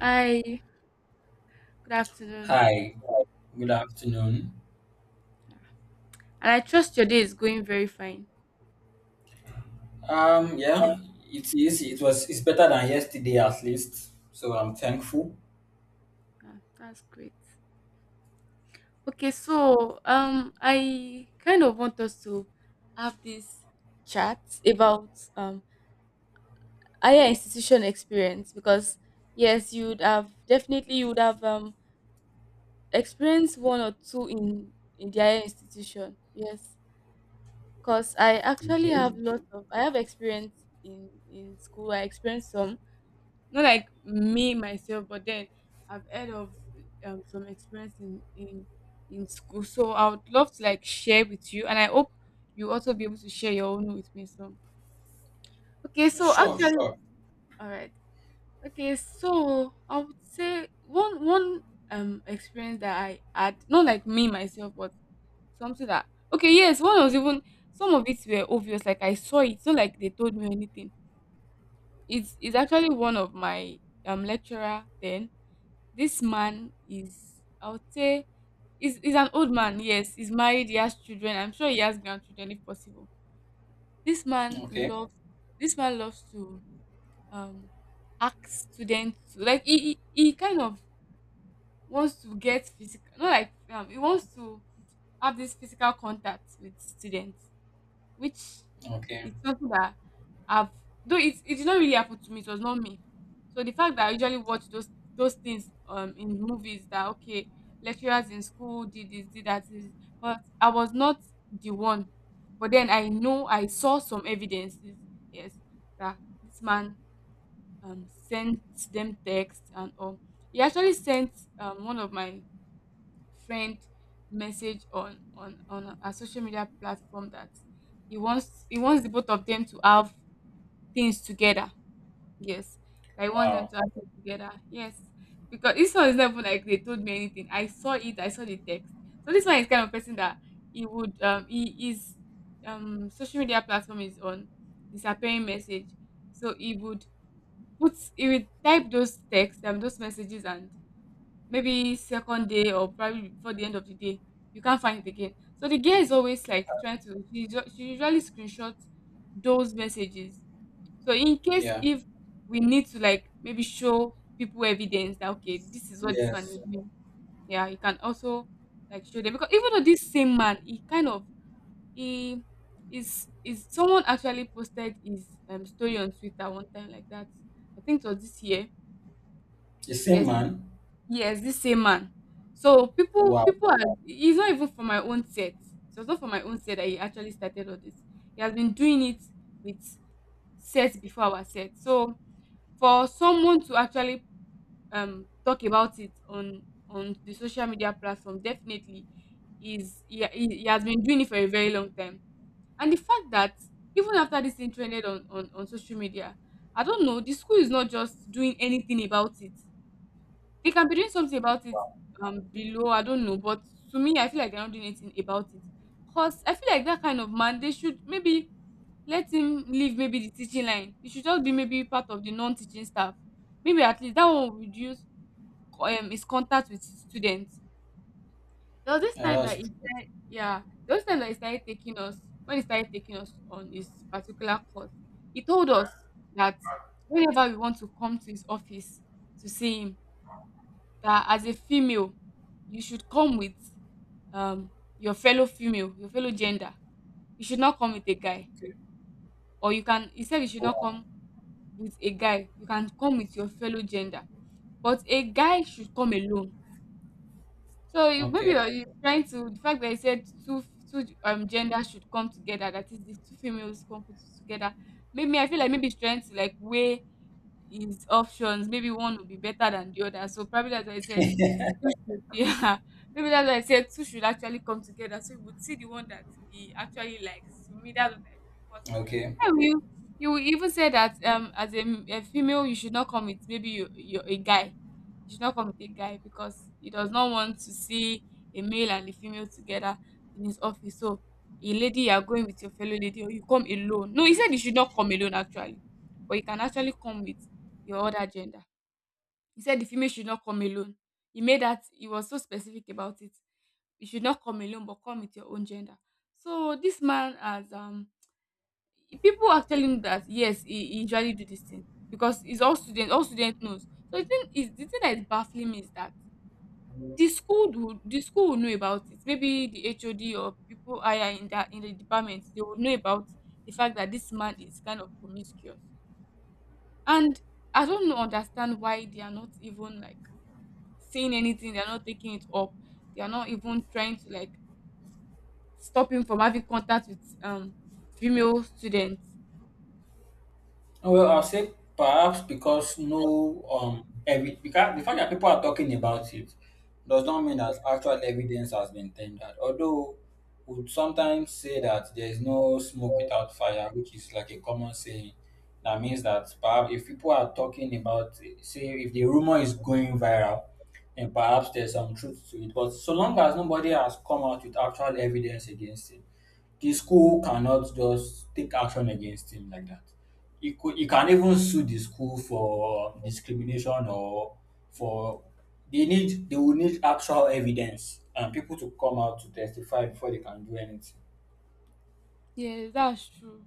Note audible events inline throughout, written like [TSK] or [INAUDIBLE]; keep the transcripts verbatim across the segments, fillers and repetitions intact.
Hi, good afternoon. Hi, good afternoon. And I trust your day is going very fine. Um, yeah, it is. It was. It's better than yesterday, at least. So I'm thankful. Yeah, that's great. Okay, so um I kind of want us to have this chat about um higher institution experience because yes, you'd have definitely you would have um experienced one or two in in the higher institution. Yes. Because I actually Okay. have lots of I have experience in in school. I experienced some, not like me myself, but then I've heard of um, some experience in, in in school. So I would love to like share with you, and I hope you also be able to share your own with me soon. Okay, so Sure. actually, Sure. all right. Okay, so I would say one one um experience that I had, not like me myself, but something that, okay, yes, one was even, some of it were obvious. Like I saw it, it's not like they told me anything. It's it's actually one of my um lecturer then. This man is, I would say, he's, he's an old man. Yes, he's married. He has children. I'm sure he has grandchildren if possible. This man Okay. loves. This man loves to um ask students to, like he he, he kind of wants to get physical. Not like um he wants to have this physical contact with students, which Okay. is something that I've, though it it did not really happen to me, it was not me. So the fact that I usually watch those those things um in movies that, okay, lecturers in school did this, did that, did this, but I was not the one. But then I know I saw some evidences, yes, that this man um sent them text and all. He actually sent um one of my friend message on on on a social media platform that he wants he wants the both of them to have things together. Yes, that he wants them Wow. to have things together. Yes, because this one is not even like they told me anything. I saw it. I saw the text. So this one is kind of person that he would, um he is, um social media platform is on disappearing message. So he would put, he would type those texts and those messages, and maybe second day or probably before the end of the day you can't find it again. So the girl is always like trying to, she, ju- she usually screenshots those messages, so in case Yeah. if we need to like maybe show people evidence that, okay, this is what this man is Yes. doing, yeah, you can also like show them. Because even though this same man, he kind of, he is is someone actually posted his um story on Twitter one time like that. I think it was this year. The same Yes. man. Yes, this same man. So people, Wow. people are. He's not even from my own set. So it's not from my own set that he actually started all this. He has been doing it with sets before our set. So for someone to actually um talk about it on on the social media platform, definitely is, he, he, he has been doing it for a very long time. And the fact that even after this thing trended on on on social media, I don't know. The school is not just doing anything about it. They can be doing something about it um below, I don't know. But to me, I feel like they're not doing anything about it. Cause I feel like that kind of man, they should maybe let him leave maybe the teaching line. He should just be maybe part of the non-teaching staff. Maybe at least that one will reduce co- um his contact with students. There was this Yeah, time that that's he true. said, yeah, there was time that he started taking us, when he started taking us on his particular course. He told us that whenever we want to come to his office to see him, that as a female you should come with um your fellow female, your fellow gender. You should not come with a guy. Okay. Or you can, he said you should not Wow. come with a guy, you can come with your fellow gender, but a guy should come alone. So you, maybe Okay. you're, you're trying to, the fact that he said two, two um genders should come together, that is the two females come put together, maybe I feel like maybe he's trying to like weigh his options, maybe one will be better than the other. So probably, as I said, [LAUGHS] two should, yeah, [LAUGHS] maybe that's why I said two should actually come together, so you would see the one that he actually likes. To me, that's what I feel. Because Okay. I will, you will even say that um as a, m- a female, you should not come with maybe you you a guy. You should not come with a guy because he does not want to see a male and a female together in his office. So a lady, you are going with your fellow lady or you come alone. No, he said you should not come alone actually. But you can actually come with your other gender. He said the female should not come alone. He made that, he was so specific about it. You should not come alone, but come with your own gender. So this man has, um people actually know that, yes, he, he usually do this thing, because it's all student, all student knows. So the thing is, the thing that is baffling me is that the school would, the school will know about it. Maybe the H O D or people higher in that in the department, they would know about the fact that this man is kind of promiscuous. And I don't know, understand why they are not even like saying anything, they're not taking it up, they're not even trying to like stop him from having contact with um female students. Well, I'll say perhaps because no, um, every because the fact that people are talking about it does not mean that actual evidence has been tendered. Although we would sometimes say that there is no smoke without fire, which is like a common saying, that means that perhaps if people are talking about, say, if the rumor is going viral, then perhaps there's some truth to it. But so long as nobody has come out with actual evidence against it, the school cannot just take action against him like that. You could you can even sue the school for discrimination, or for they need they will need actual evidence and people to come out to testify before they can do anything. Yes, that's true.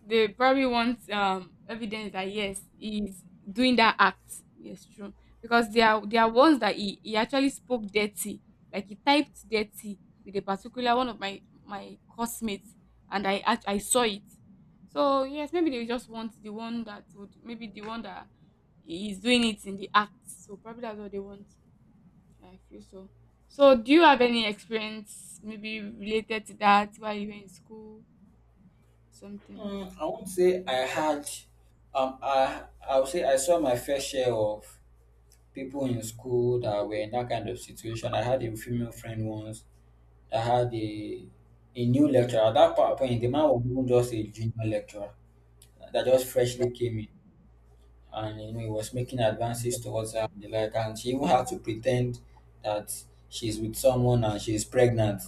They probably want um evidence that, yes, he's doing that act. Yes, true. Because there are, there are ones that he, he actually spoke dirty. Like he typed dirty with a particular one of my my classmates, and I act- I saw it. So yes, maybe they just want the one that would, maybe the one that is doing it in the act. So probably that's what they want. I feel so. So do you have any experience maybe related to that while you were in school? Something. Mm, I won't say I had um I I would say I saw my fair share of people in school that were in that kind of situation. I had a female friend once that had a a new lecturer. At that point, the man was even just a junior lecturer that just freshly came in. And you know, he was making advances towards her and the like, and she even had to pretend that she's with someone and she's pregnant,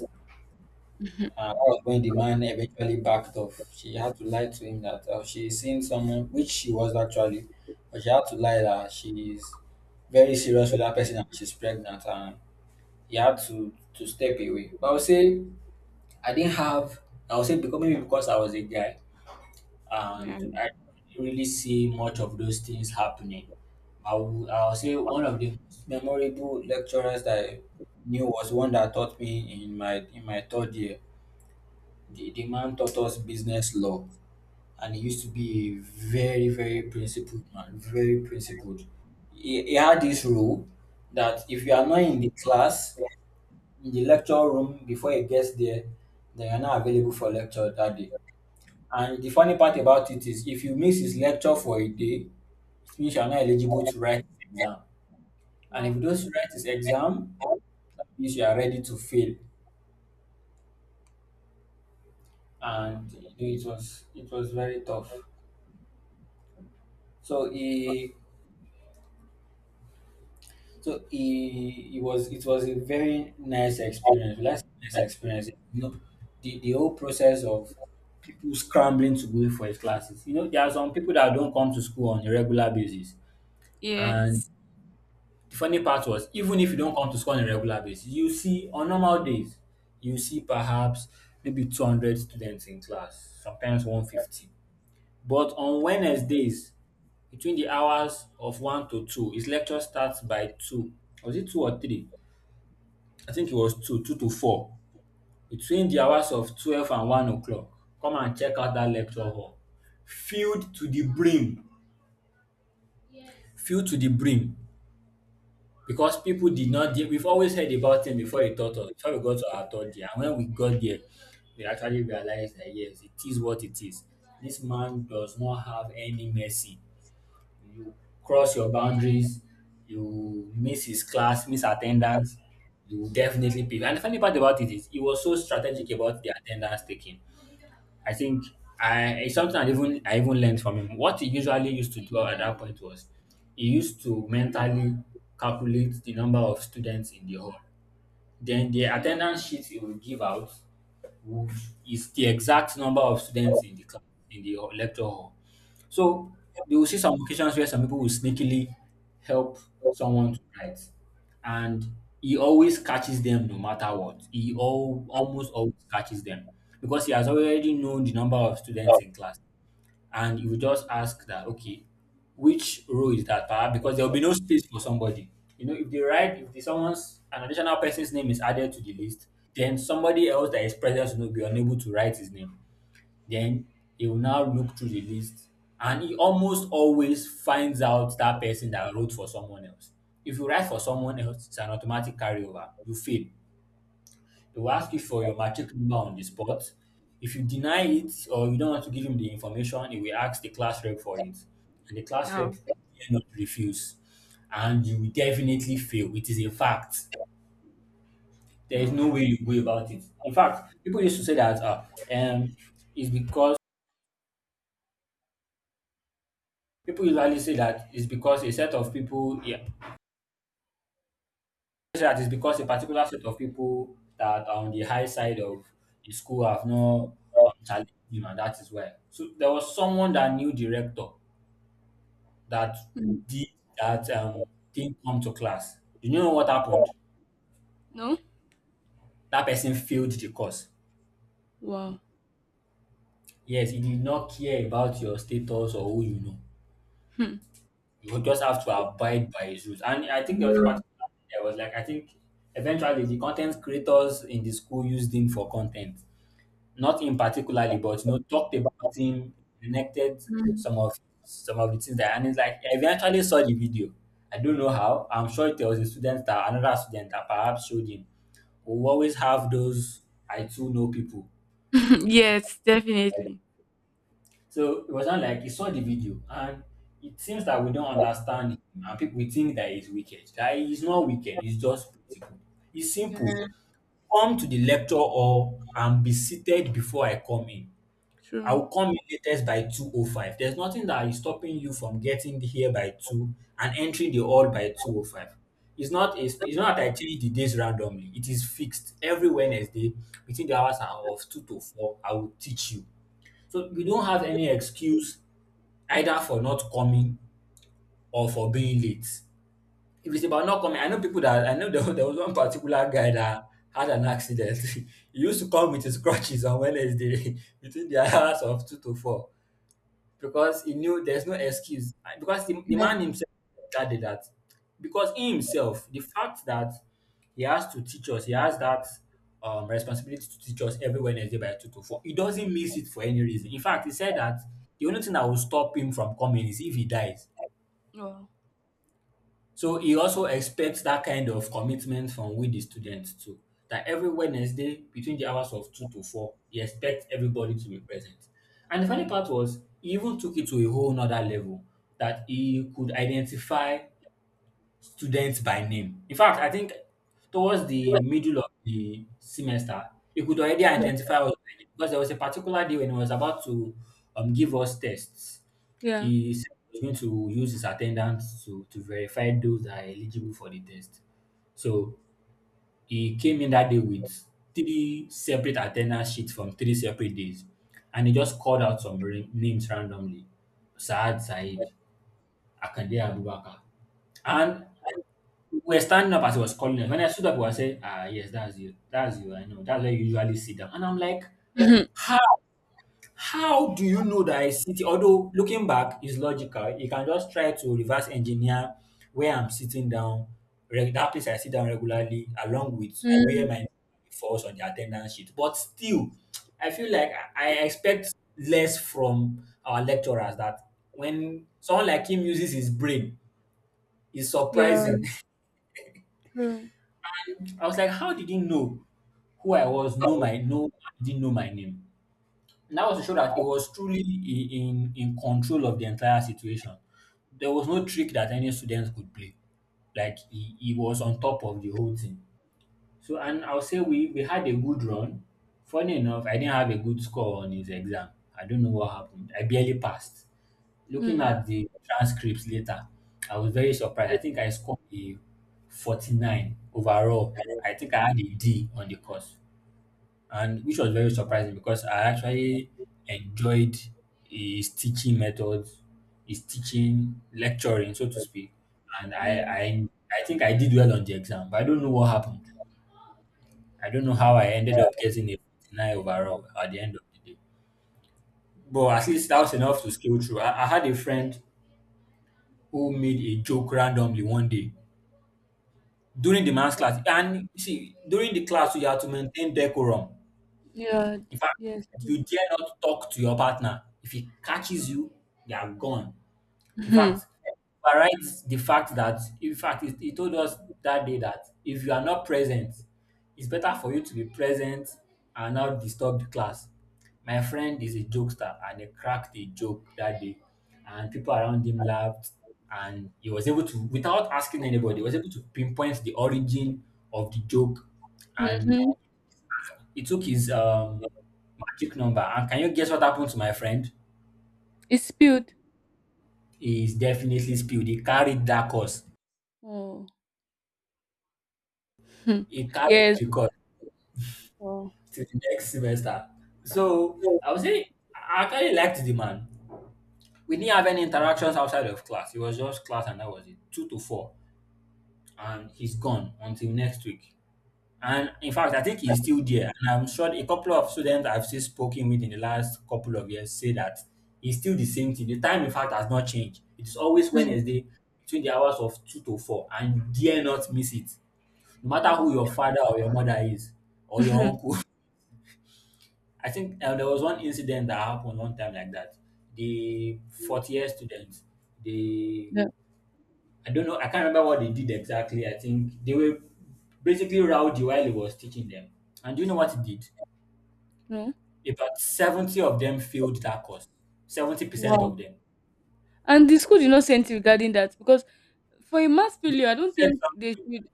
and that was when the man eventually backed off. She had to lie to him that, oh, she's seeing someone, which she was actually, but she had to lie that she's very serious with that person and she's pregnant, and he had to to step away. But I would say I didn't have I would say because maybe because I was a guy, Yeah. and I don't really see much of those things happening. I will, I'll say one of the most memorable lecturers that I knew was one that taught me in my in my third year. The, the man taught us business law, and he used to be a very, very principled man, very principled. He, he had this rule that if you are not in the class in the lecture room before he gets there, then you're not available for lecture that day. And the funny part about it is, if you miss his lecture for a day, it means you are not eligible to write his exam. And if you Wow. don't write his exam, that means you are ready to fail. Wow. And you know, it was it was very tough. So he, so he, he was it was a very nice experience. Last nice experience. You know, the, the whole process of people scrambling to go in for his classes. You know, there are some people that don't come to school on a regular basis, and Yes. the funny part was, even if you don't come to school on a regular basis, you see, on normal days, you see perhaps maybe two hundred students in class, sometimes one hundred fifty. But on Wednesdays, between the hours of one to two, his lecture starts by two. Was it two or three? I think it was two, two to four. Between the hours of twelve and one o'clock, come and check out that lecture hall. Filled to the brim, filled to the brim. Because people did not dare. We've always heard about him before he taught us, before we got to our third year, and when we got there, we actually realized that, yes, it is what it is. This man does not have any mercy. You cross your boundaries, you miss his class, miss attendance, you will definitely pay. And the funny part about it is, he was so strategic about the attendance taking. I think I it's something I even I even learned from him. What he usually used to do at that point was, he used to mentally calculate the number of students in the hall. Then the attendance sheet you will give out would is the exact number of students in the class, in the lecture hall. So you will see some occasions where some people will sneakily help someone to write, and he always catches them no matter what. He all, almost always catches them, because he has already known the number of students in class. And you just ask that, okay, which row is that, perhaps, because there will be no space for somebody. You know, if they write, if the someone's an additional person's name is added to the list, then somebody else that is present will be unable to write his name. Then he will now look through the list, and he almost always finds out that person that wrote for someone else. If you write for someone else, it's an automatic carryover, you fail. They will ask you for your matric number on the spot. If you deny it or you don't want to give him the information, he will ask the class rep for it. And the class rep Wow. will not refuse. And you will definitely fail. It is a fact. There is Hmm. no way you go about it. In fact, people used to say that uh, um, it's because, people usually say that it's because a set of people, yeah, say that is because a particular set of people that are on the high side of the school have not, um, challenged him, and that is why. So there was someone that knew the rector that Hmm. did that, um, didn't come to class. You know what happened? No. That person failed the course. Wow. Yes, he did not care about your status or who you know. Hmm. You just have to abide by his rules. And I think there was a Yeah. particular, there was like I think eventually the content creators in the school used him for content. Not him particularly, but, you know, talked about him, connected Hmm. some of, some of the things that, and it's like I eventually saw the video. I don't know how. I'm sure there was a student, that another student that perhaps showed him. "Oh, we always have those. I too know people." [LAUGHS] Yes, definitely. So it was not like he saw the video, and it seems that we don't understand him, and people, we think that he's wicked. That he's not wicked, he's just principle. It's simple. Yeah. Come to the lecture hall and be seated before I come in. I True. will come in latest by two oh five. There's nothing that is stopping you from getting here by two and entering the hall by two oh five. It's not a, it's not that I change the days randomly. It is fixed. Every Wednesday between the hours of two to four, I will teach you. So you don't have any excuse, either for not coming or for being late. If it's about not coming, I know people that I know there, was- there was one particular guy that had an accident. [LAUGHS] He used to come with his crutches on Wednesday [LAUGHS] between the hours of two to four because he knew there's no excuse. I- Because the, the Yeah. man himself that did that. Because he himself, the fact that he has to teach us, he has that, um, responsibility to teach us every Wednesday by two to four. He doesn't miss it for any reason. In fact, he said that the only thing that will stop him from coming is if he dies. Wow. So he also expects that kind of commitment from we the students too. That every Wednesday between the hours of two to four, he expects everybody to be present. And the funny part was, he even took it to a whole nother level, that he could identify students by name. In fact, I think towards the middle of the semester, you could already identify us by name, because there was a particular day when he was about to, um, give us tests. Yeah. He said he was going to use his attendance to, to verify those that are eligible for the test. So he came in that day with three separate attendance sheets from three separate days. And he just called out some ra- names randomly. Saad Said, Akande Abubakar. And we're standing up as he was calling us. When I stood up, I was saying, "Ah, yes, that's you. That's you. I know. That's where you usually sit down." And I'm like, Yeah. [LAUGHS] "How? How do you know that I sit here?" Although looking back is logical, you can just try to reverse engineer where I'm sitting down, reg- that place I sit down regularly, along with where Hmm. my name falls on the attendance sheet. But still, I feel like I I expect less from our lecturers, that when someone like him uses his brain, it's Yeah. surprising. [LAUGHS] True. I was like, how did he know who I was? Know my, no, didn't know my name. And that was to show that he was truly i- in in control of the entire situation. There was no trick that any students could play. Like he, he was on top of the whole thing. So and I'll say we we had a good run. Funny enough, I didn't have a good score on his exam. I don't know what happened. I barely passed. Looking Hmm. at the transcripts later, I was very surprised. I think I scored a forty-nine overall. I think I had a D on the course, and which was very surprising because I actually enjoyed his teaching methods, his teaching lecturing, so to speak. And I, Mm. I, I think I did well on the exam, but I don't know what happened. I don't know Wow. how I ended up getting a forty-nine overall at the end of the day. But at least that was enough to scale through. I, I had a friend who made a joke randomly one day during the math class. And you see, during the class, you have to maintain decorum. Yeah, d- In fact, yes. you dare not talk to your partner. If he catches you, you are gone. In Mm-hmm. fact, overrides the fact that, in fact, he, he told us that day that if you are not present, it's better for you to be present and not disturb the class. My friend is a jokester and he cracked a joke that day, and people around him laughed. And he was able to, without asking anybody, he was able to pinpoint the origin of the joke. And Mm-hmm. he took his um, magic number. And can you guess what happened to my friend? It's spilled. He's definitely spilled. He carried that course. Oh. Hmm. He carried Yes. the course Wow. to the next semester. So I would say I actually liked the man. We didn't have any interactions outside of class. It was just class and that was it. Two to four. And he's gone until next week. And in fact, I think he's still there. And I'm sure a couple of students I've still spoken with in the last couple of years say that he's still the same thing. The time, in fact, has not changed. It's always Hmm. Wednesday between the hours of two to four, and you dare not miss it. No matter who Wow. your father or your mother is, [LAUGHS] or your Mhm. uncle, I think uh, there was one incident that happened one time like that. The fourth year students, they Yeah. I don't know, I can't remember what they did exactly. I think they were basically rowdy while he was teaching them. And do you know what he did? No. About seventy of them failed that course. seventy percent Wow. of them. And the school did not say anything regarding that because, for a mass The failure, I school don't said think they something. should.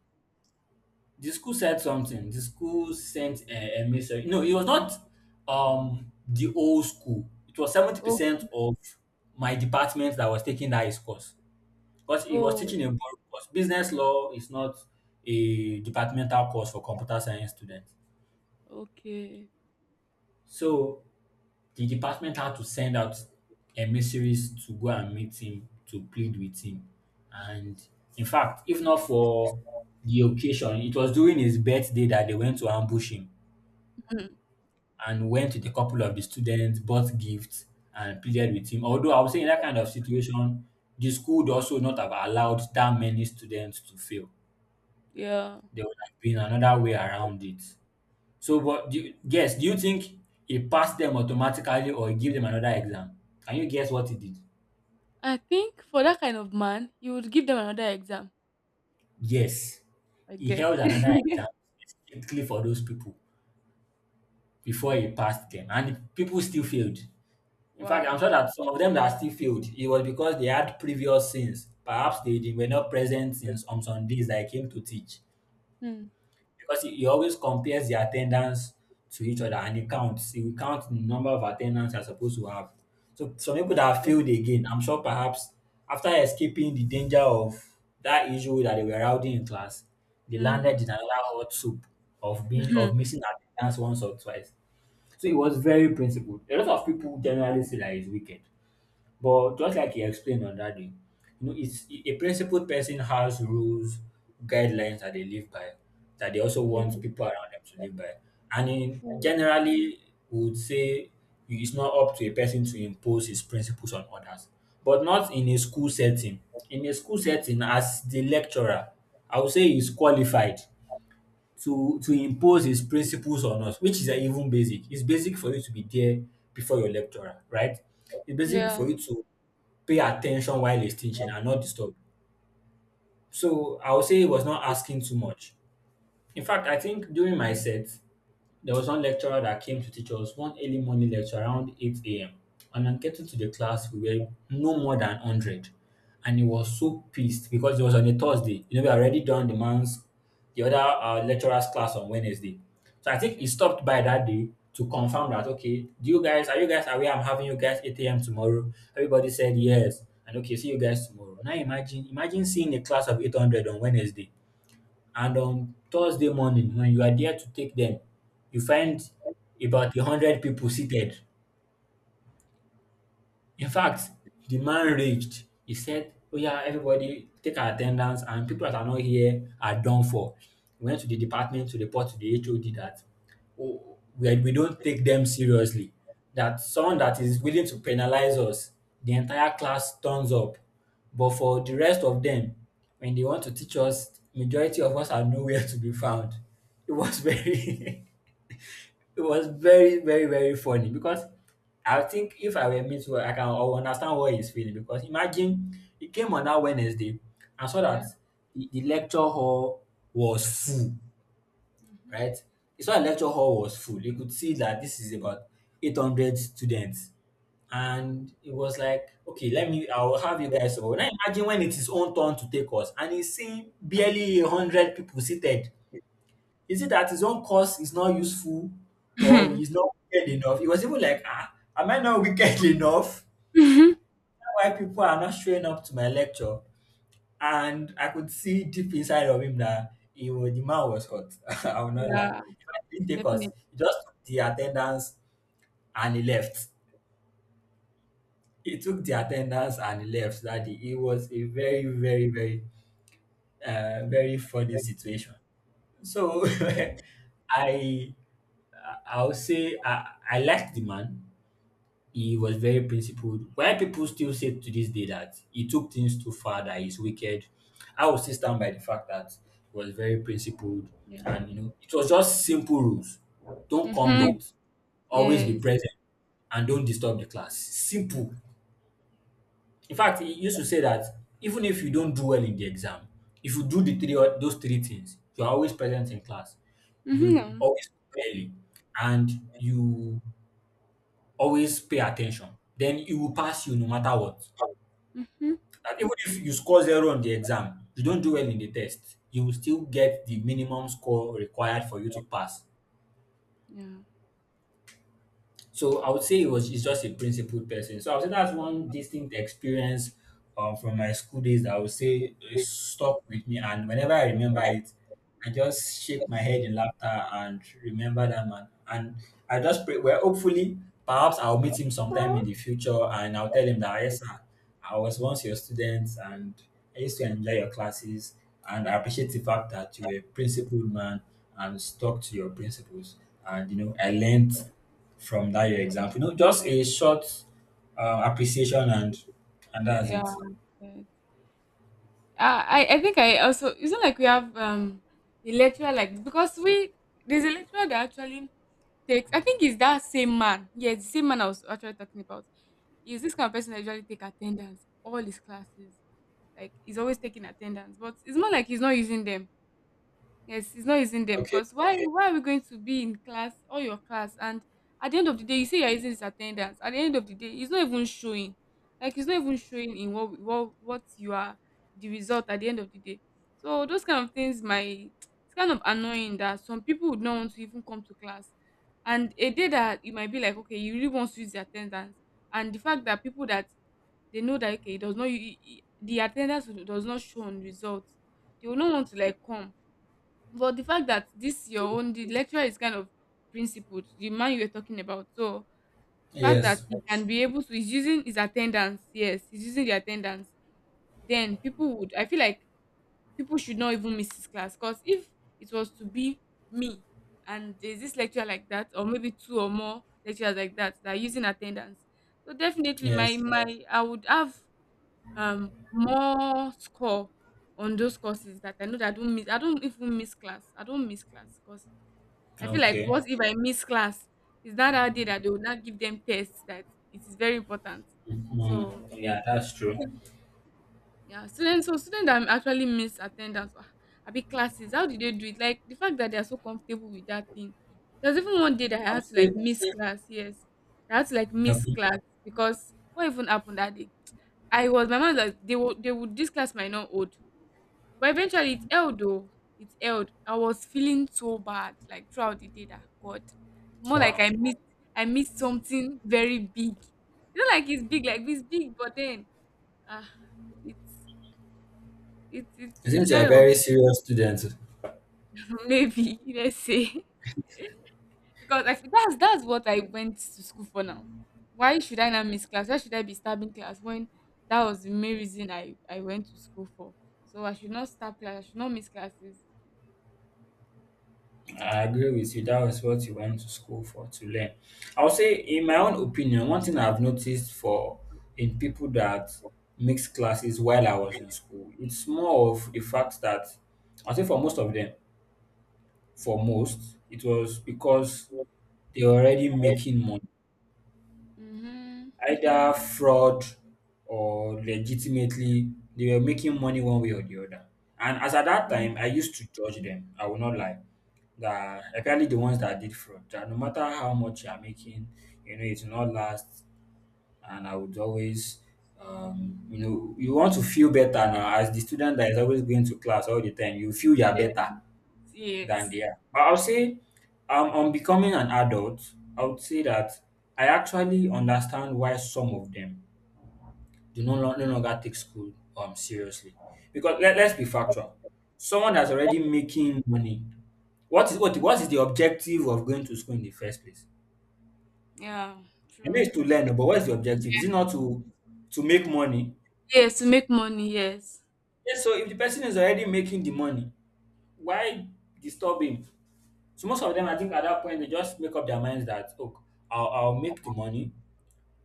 The school said something. The school sent a, a message. No, it was not um the old school. It was Oh, seventy percent of my department that was taking that his course. Because he was oh, teaching a broad course. Business law is not a departmental course for computer science students. okay. So the department had to send out emissaries to go and meet him, to plead with him. And in fact, if not for the occasion, it was during his birthday that they went to ambush him Hmm, and went with a couple of the students, bought gifts, and pleaded with him. Although I would say in that kind of situation, the school would also not have allowed that many students to fail. yeah. There would have been another way around it. So, but do you, guess, do you think it passed them automatically or it gave them another exam? Can you guess what it did? I think for that kind of man, you would give them another exam. Yes, I he get. held another [LAUGHS] exam specifically for those people before he passed them, and people still failed. In fact, I'm Wow. sure that some of them that still failed, it was because they had previous sins. Perhaps they, they were not present in, on some days that I came to teach. Hmm. Because he he always compares the attendance to each other and he counts. He will count the number of attendance you're supposed to have. So some people that failed again, I'm sure perhaps after escaping the danger of that issue that they were rowdy in class, they landed Hmm. in another hot soup of being of Mhm. missing attendance once or twice. So he was very principled. A lot of people generally say that he's wicked. But just like you explained on that day, you know, it's a principled person has rules, guidelines that they live by, that they also want Yes, people around them to live by. And in true. generally, we would say it's not up to a person to impose his principles on others, but not in a school setting. In a school setting, as the lecturer, I would say he's qualified to to impose his principles on us, which is even basic. It's basic for you to be there before your lecturer, right? It's basic Yeah. for you to pay attention while extinction and not disturb. So I would say he was not asking too much. In fact, I think during my set, there was one lecturer that came to teach us one early morning lecture around eight a m. And on getting to the class, we were no more than one hundred. And he was so pissed because it was on a Thursday. You know, we had already done the man's, the other uh, lecturer's class on Wednesday. So I think he Yes. stopped by that day to confirm that, okay, do you guys, are you guys aware I'm having you guys eight a m tomorrow? Everybody said yes. And okay, see you guys tomorrow. Now imagine, imagine seeing a class of eight hundred on Wednesday and on Thursday morning, when you are there to take them, you find about a hundred people seated. In fact, the man raged. He said, "Oh, yeah, everybody take our attendance, and people that are not here are done for." We went to the department to report to the H O D that oh, we, we don't take them seriously. That someone that is willing to penalize us, the entire class turns up. But for the rest of them, when they want to teach us, majority of us are nowhere to be found. It was very [LAUGHS] it was very, very, very funny because I think if I were me too, I can I will understand what he's feeling because imagine he came on that Wednesday and saw Yeah. that the, the lecture hall was full, Mm-hmm. right? He saw the lecture hall was full. He could see that this is about eight hundred students. Yeah. And it was like, okay, let me, I'll have you guys over. Now imagine when it's his own turn to take us and he's seeing barely one hundred people seated. Is it that his own cause is not useful or he's not wicked enough? He was even like, ah, am I not wicked [LAUGHS] enough? Is Hmm. that why people are not showing up to my lecture? And I could see deep inside of him that he was, the man was hot. [LAUGHS] I will not lie. Yeah. He didn't take us. Definitely. He just took the attendance and he left. He took the attendance and he left that day. It was a very, very, very, uh, very funny situation. So [LAUGHS] I I would say I, I liked the man. He was very principled. Why people still say to this day that he took things too far, that he's wicked, I will still stand by the fact that he was very principled. Yeah. And, you know, it was just simple rules. Don't come Mm-hmm. late, always be Yes. present, and don't disturb the class. Simple. In fact, he used to say that even if you don't do well in the exam, if you do the three o- those three things, you're always present in class, you Mm-hmm. always come early, and you always pay attention. Then it will pass you no matter what. Mm-hmm. And even if you score zero on the exam, you don't do well in the test, you will still get the minimum score required for you to pass. Yeah. So I would say it was he's just a principled person. So I would say that's one distinct experience um, from my school days that I would say is stuck with me. And whenever I remember it, I just shake my head in laughter and remember that man. And I just pray, well, hopefully, perhaps I'll meet him sometime in the future and I'll tell him that, "Ah, yes, sir, I was once your student and I used to enjoy your classes and I appreciate the fact that you were a principled man and stuck to your principles. And, you know, I learned from that your exam." You know, just a short uh, appreciation and and that's Yeah. it. Yeah. Uh, I I think I also, it's not like we have um a lecturer like, because we, there's a lecturer that actually takes, I think it's that same man, yeah, the same man I was actually talking about, is this kind of person that usually take attendance all his classes, like he's always taking attendance, but it's more like he's not using them. Yes, he's not using them, Okay. because why why are we going to be in class, all your class, and at the end of the day, you say you're using his attendance. At the end of the day, he's not even showing. Like he's not even showing in what what what you are, the result at the end of the day. So those kind of things might, it's kind of annoying that some people would not want to even come to class. And a day that you might be like, okay, you really want to use the attendance. And the fact that people that, they know that, okay, it does not u- u- u- the attendance does not show on results, they will not want to like come. But the fact that this your own, the lecturer is kind of principled, the man you were talking about. So fact that Yes. he, yes, can, yes, be able to, he's using his attendance, yes, he's using the attendance, then people would, I feel like people should not even miss his class. Because if it was to be me and there's this lecturer like that, or maybe two or more lecturers like that that are using attendance. So definitely my, yeah, Yes. my, yes, I would have um more score on those courses that I know that I don't miss, I don't even miss class. I don't miss class because I feel like, Okay. what if I miss class? Is that our day that they will not give them tests that it is very important? Mhm. So Yeah, that's true. yeah, students so students that actually miss attendance, ah, abi classes, how did they do it? Like, the fact that they are so comfortable with that thing. There's even one day that I I had would to like say. miss class, yes. I had to like miss Okay. class because what even happened that day? I was my mom that they would they would this class might not hold. But eventually it held though. It held. I was feeling so bad like throughout the day that God. More like Wow. I missed I missed something very big. You know, like it's big, like it's big, but then ah it's it's it's It it's seems you're kind a of very serious student. [LAUGHS] maybe let's say because I feel that's that's what I went to school for now. Why should I not miss class? Why should I be stabbing class when that was the main reason I I went to school for? So I should not stab class. I should not miss classes. I agree with you. That was what you went to school for, to learn. I would say, in my own opinion, one thing I've noticed for in people that mix classes while I was in school, it's more of the fact that I would say for most of them, for most, it was because they were already Ah. making money, Mm-hmm. either fraud or legitimately, they were making money one way or the other. And as at that time, I used to judge them. I will not lie. That apparently the ones that did fraud, that no matter how much you are making, you know, it will not last. And I would always, um, you know, you want to feel better now as the student that is always going to class all the time. You feel you are Yes, better than yes. they are. But I'll say, um, on becoming an adult, I would say that I actually understand why some of them do no, lo- no longer take school um seriously. Because let, let's be factual. Someone that's already making money, what is what what is the objective of going to school in the first place? Yeah, I know true. it's to learn, but what is the objective? Is it not to to make money? Yes, to make money, yes. Yes, so if the person is already making the money, why disturb him? So most of them, I think at that point, they just make up their minds that, look, I'll, I'll make the money.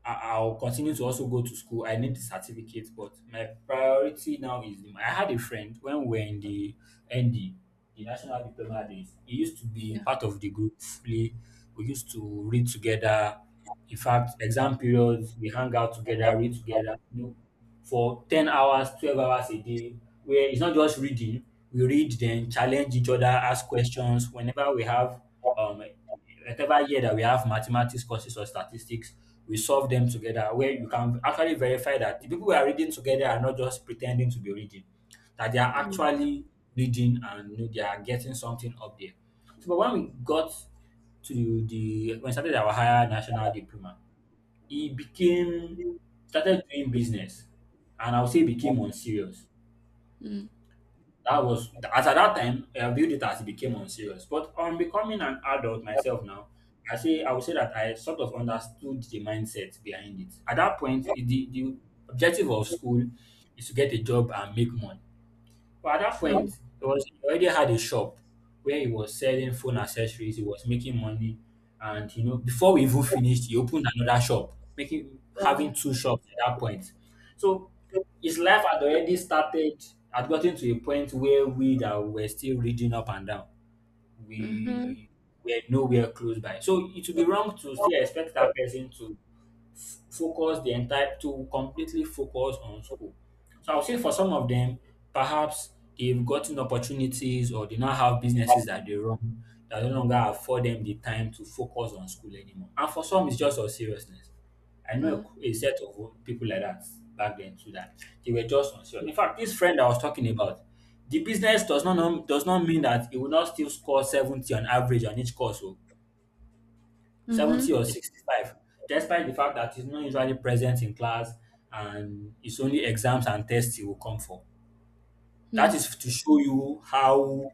I, I'll continue to also go to school. I need the certificate, but my priority now is the money. I had a friend when we were in the N D, the National Diploma Days. He used to be Yeah, part of the group. We we used to read together. In fact, exam periods, we hang out together, read together. You know, for ten hours, twelve hours a day, where it's not just reading. We read, then challenge each other, ask questions. Whenever we have, um, whatever year that we have mathematics courses or statistics, we solve them together. Where you can actually verify that the people we are reading together are not just pretending to be reading, that they are yeah. actually reading, and you know, they are getting something up there. So, but when we got to the when we started our higher national diploma, he became started doing business, and I would say became unserious. Mm. That was as at that time I viewed it as he became unserious, but on becoming an adult myself now, i say I would say that I sort of understood the mindset behind it. At that point, it- the, the objective of school is to get a job and make money. But at that point, True. he was he already had a shop where he was selling phone accessories. He was making money, and you know, before we even finished, he opened another shop, making Wow. having two shops at that point. So his life had already started. Had gotten to a point where we that were still reading up and down, Mm-hmm. we were nowhere close by. So it would be wrong to still expect that person to f- focus the entire to completely focus on school. So I would say for some of them, perhaps they've gotten opportunities or they now have businesses that they run that no longer afford them the time to focus on school anymore. And for some, it's just on seriousness. I know Yeah. a, a set of people like that back then too that they were just on serious. In fact, this friend I was talking about, the business does not nom- does not mean that it will not still score seventy on average on each course. Oh. Mm-hmm. seventy or sixty-five, despite the fact that he's not usually present in class and it's only exams and tests he will come for. That Mm. is to show you how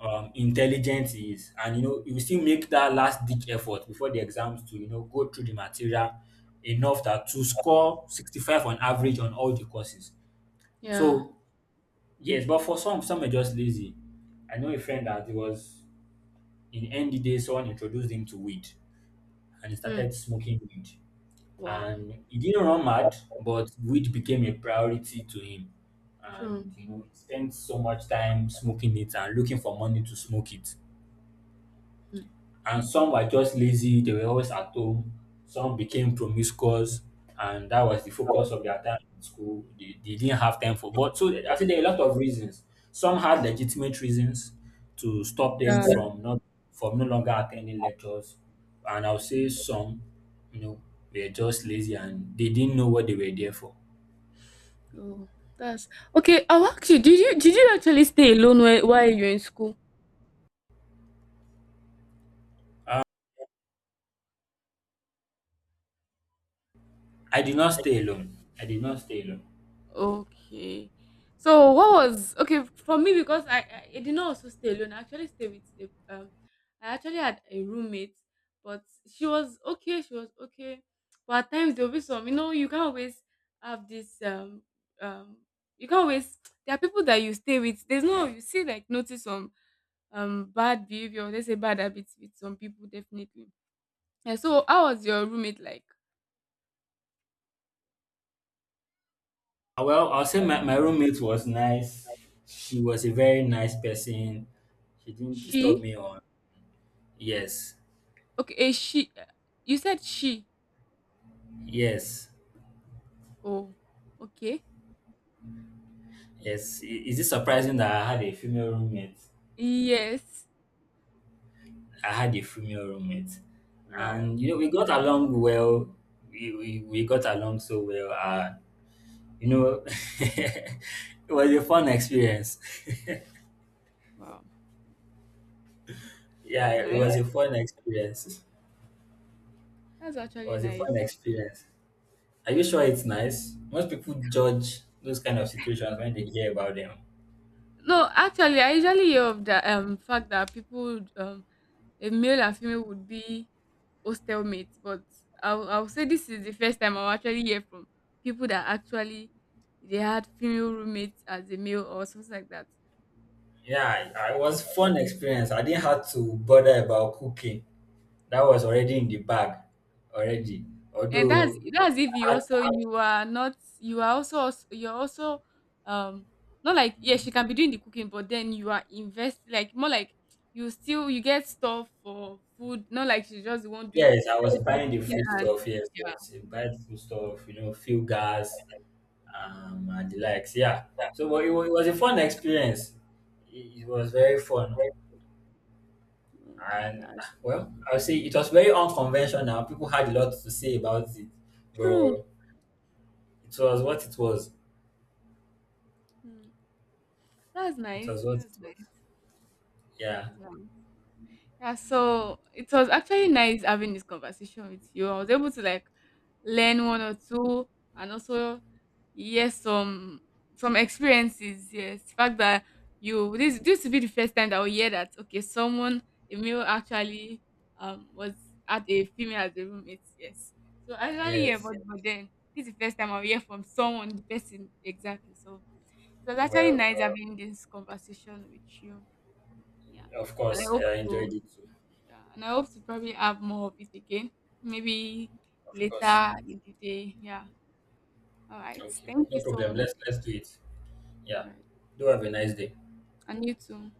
um, intelligent he is. And, you know, he will still make that last ditch effort before the exams to, you know, go through the material enough that to score sixty-five on average on all the courses. Yeah. So, yes, but for some, some are just lazy. I know a friend that he was in N D day, someone introduced him to weed and he Mm. started smoking weed. Wow. And he didn't run mad, but weed became a priority to him. And True. you know, he spent so much time smoking it and looking for money to smoke it. Mm. And some were just lazy, they were always at home. Some became promiscuous, and that was the focus of their time in school. They, they didn't have time for, but so I think there are a lot of reasons. Some had legitimate reasons to stop them Yeah. from not from no longer attending lectures. And I'll say some, you know, were just lazy and they didn't know what they were there for. Oh, that's okay. I'll ask you, did you did you actually stay alone while, while you were in school? I did not stay alone. I did not stay alone. Okay. So what was okay for me because I, I I did not also stay alone. I actually stayed with a, um I actually had a roommate, but she was okay. She was okay, but at times there will be some, you know, you can't always have this um um you can't always [TSK] there are people that you stay with. There's no, you see, like notice some um bad behavior. Let's say bad habits with some people definitely. And so how was your roommate like? Uh, Well, I'll say my, my roommate was nice. She was a very nice person. She didn't disturb She me on. Yes, okay, a she. You said she. yes, Oh, okay. yes. I- Is it surprising that I had a female roommate? Yes. I had a female roommate. Wow. And, you know, we got along well. We, we, we got along so well. Uh, you know, [LAUGHS] it was a fun experience. Wow. [LAUGHS] Yeah, That's it was nice. a fun experience. That's It actually was a fun nice. experience. Are you sure it's nice? Most people judge those kind of situations when they hear about them. No, actually, I usually hear of the um fact that people would, um a male and female would be hostel mates, but I'll I'll say this is the first time I'll actually hear from people that actually they had female roommates as a male or something like that. Yeah, I- I- it was fun experience. I didn't have to bother about cooking. That was already in the bag, already. And that's Although, that's if you I had, also, you are not, you are also als- you're also um not like, yeah, she can be doing the cooking, but then you are invest, like more like, you still you get stuff for food, not like she's just the one doing yes, I was the buying the cooking. food And stuff. Yes, yeah. yes, you buy the food stuff. You know, fuel gas, um, and the likes. Yeah. So, but it, wa- it was a fun experience. It, it was very fun, Mm, and that's ah, well, I would say it was very unconventional. People had a lot to say about it, true. but it was what it was. Mm, that's It was nice. what That's it was. nice. Yeah. That's nice. Yeah, so it was actually nice having this conversation with you. I was able to like learn one or two, and also yes, some some experiences. Yes. The fact that you, this this will be the first time that we hear that, okay, someone, a male actually um was at a female as a roommate, yes. So I actually hear Yes. about it, but then this is the first time I hear from someone, the person exactly. So it was actually Well, nice having this conversation with you. Yeah. of And I course, hope I enjoyed to, it too. yeah, and I hope to probably have more of it again, maybe Of course. later in the day. Yeah. All right. Okay. Thank you No so problem. much. Let's let's do it. Yeah. All right. Do have a nice day. And you too.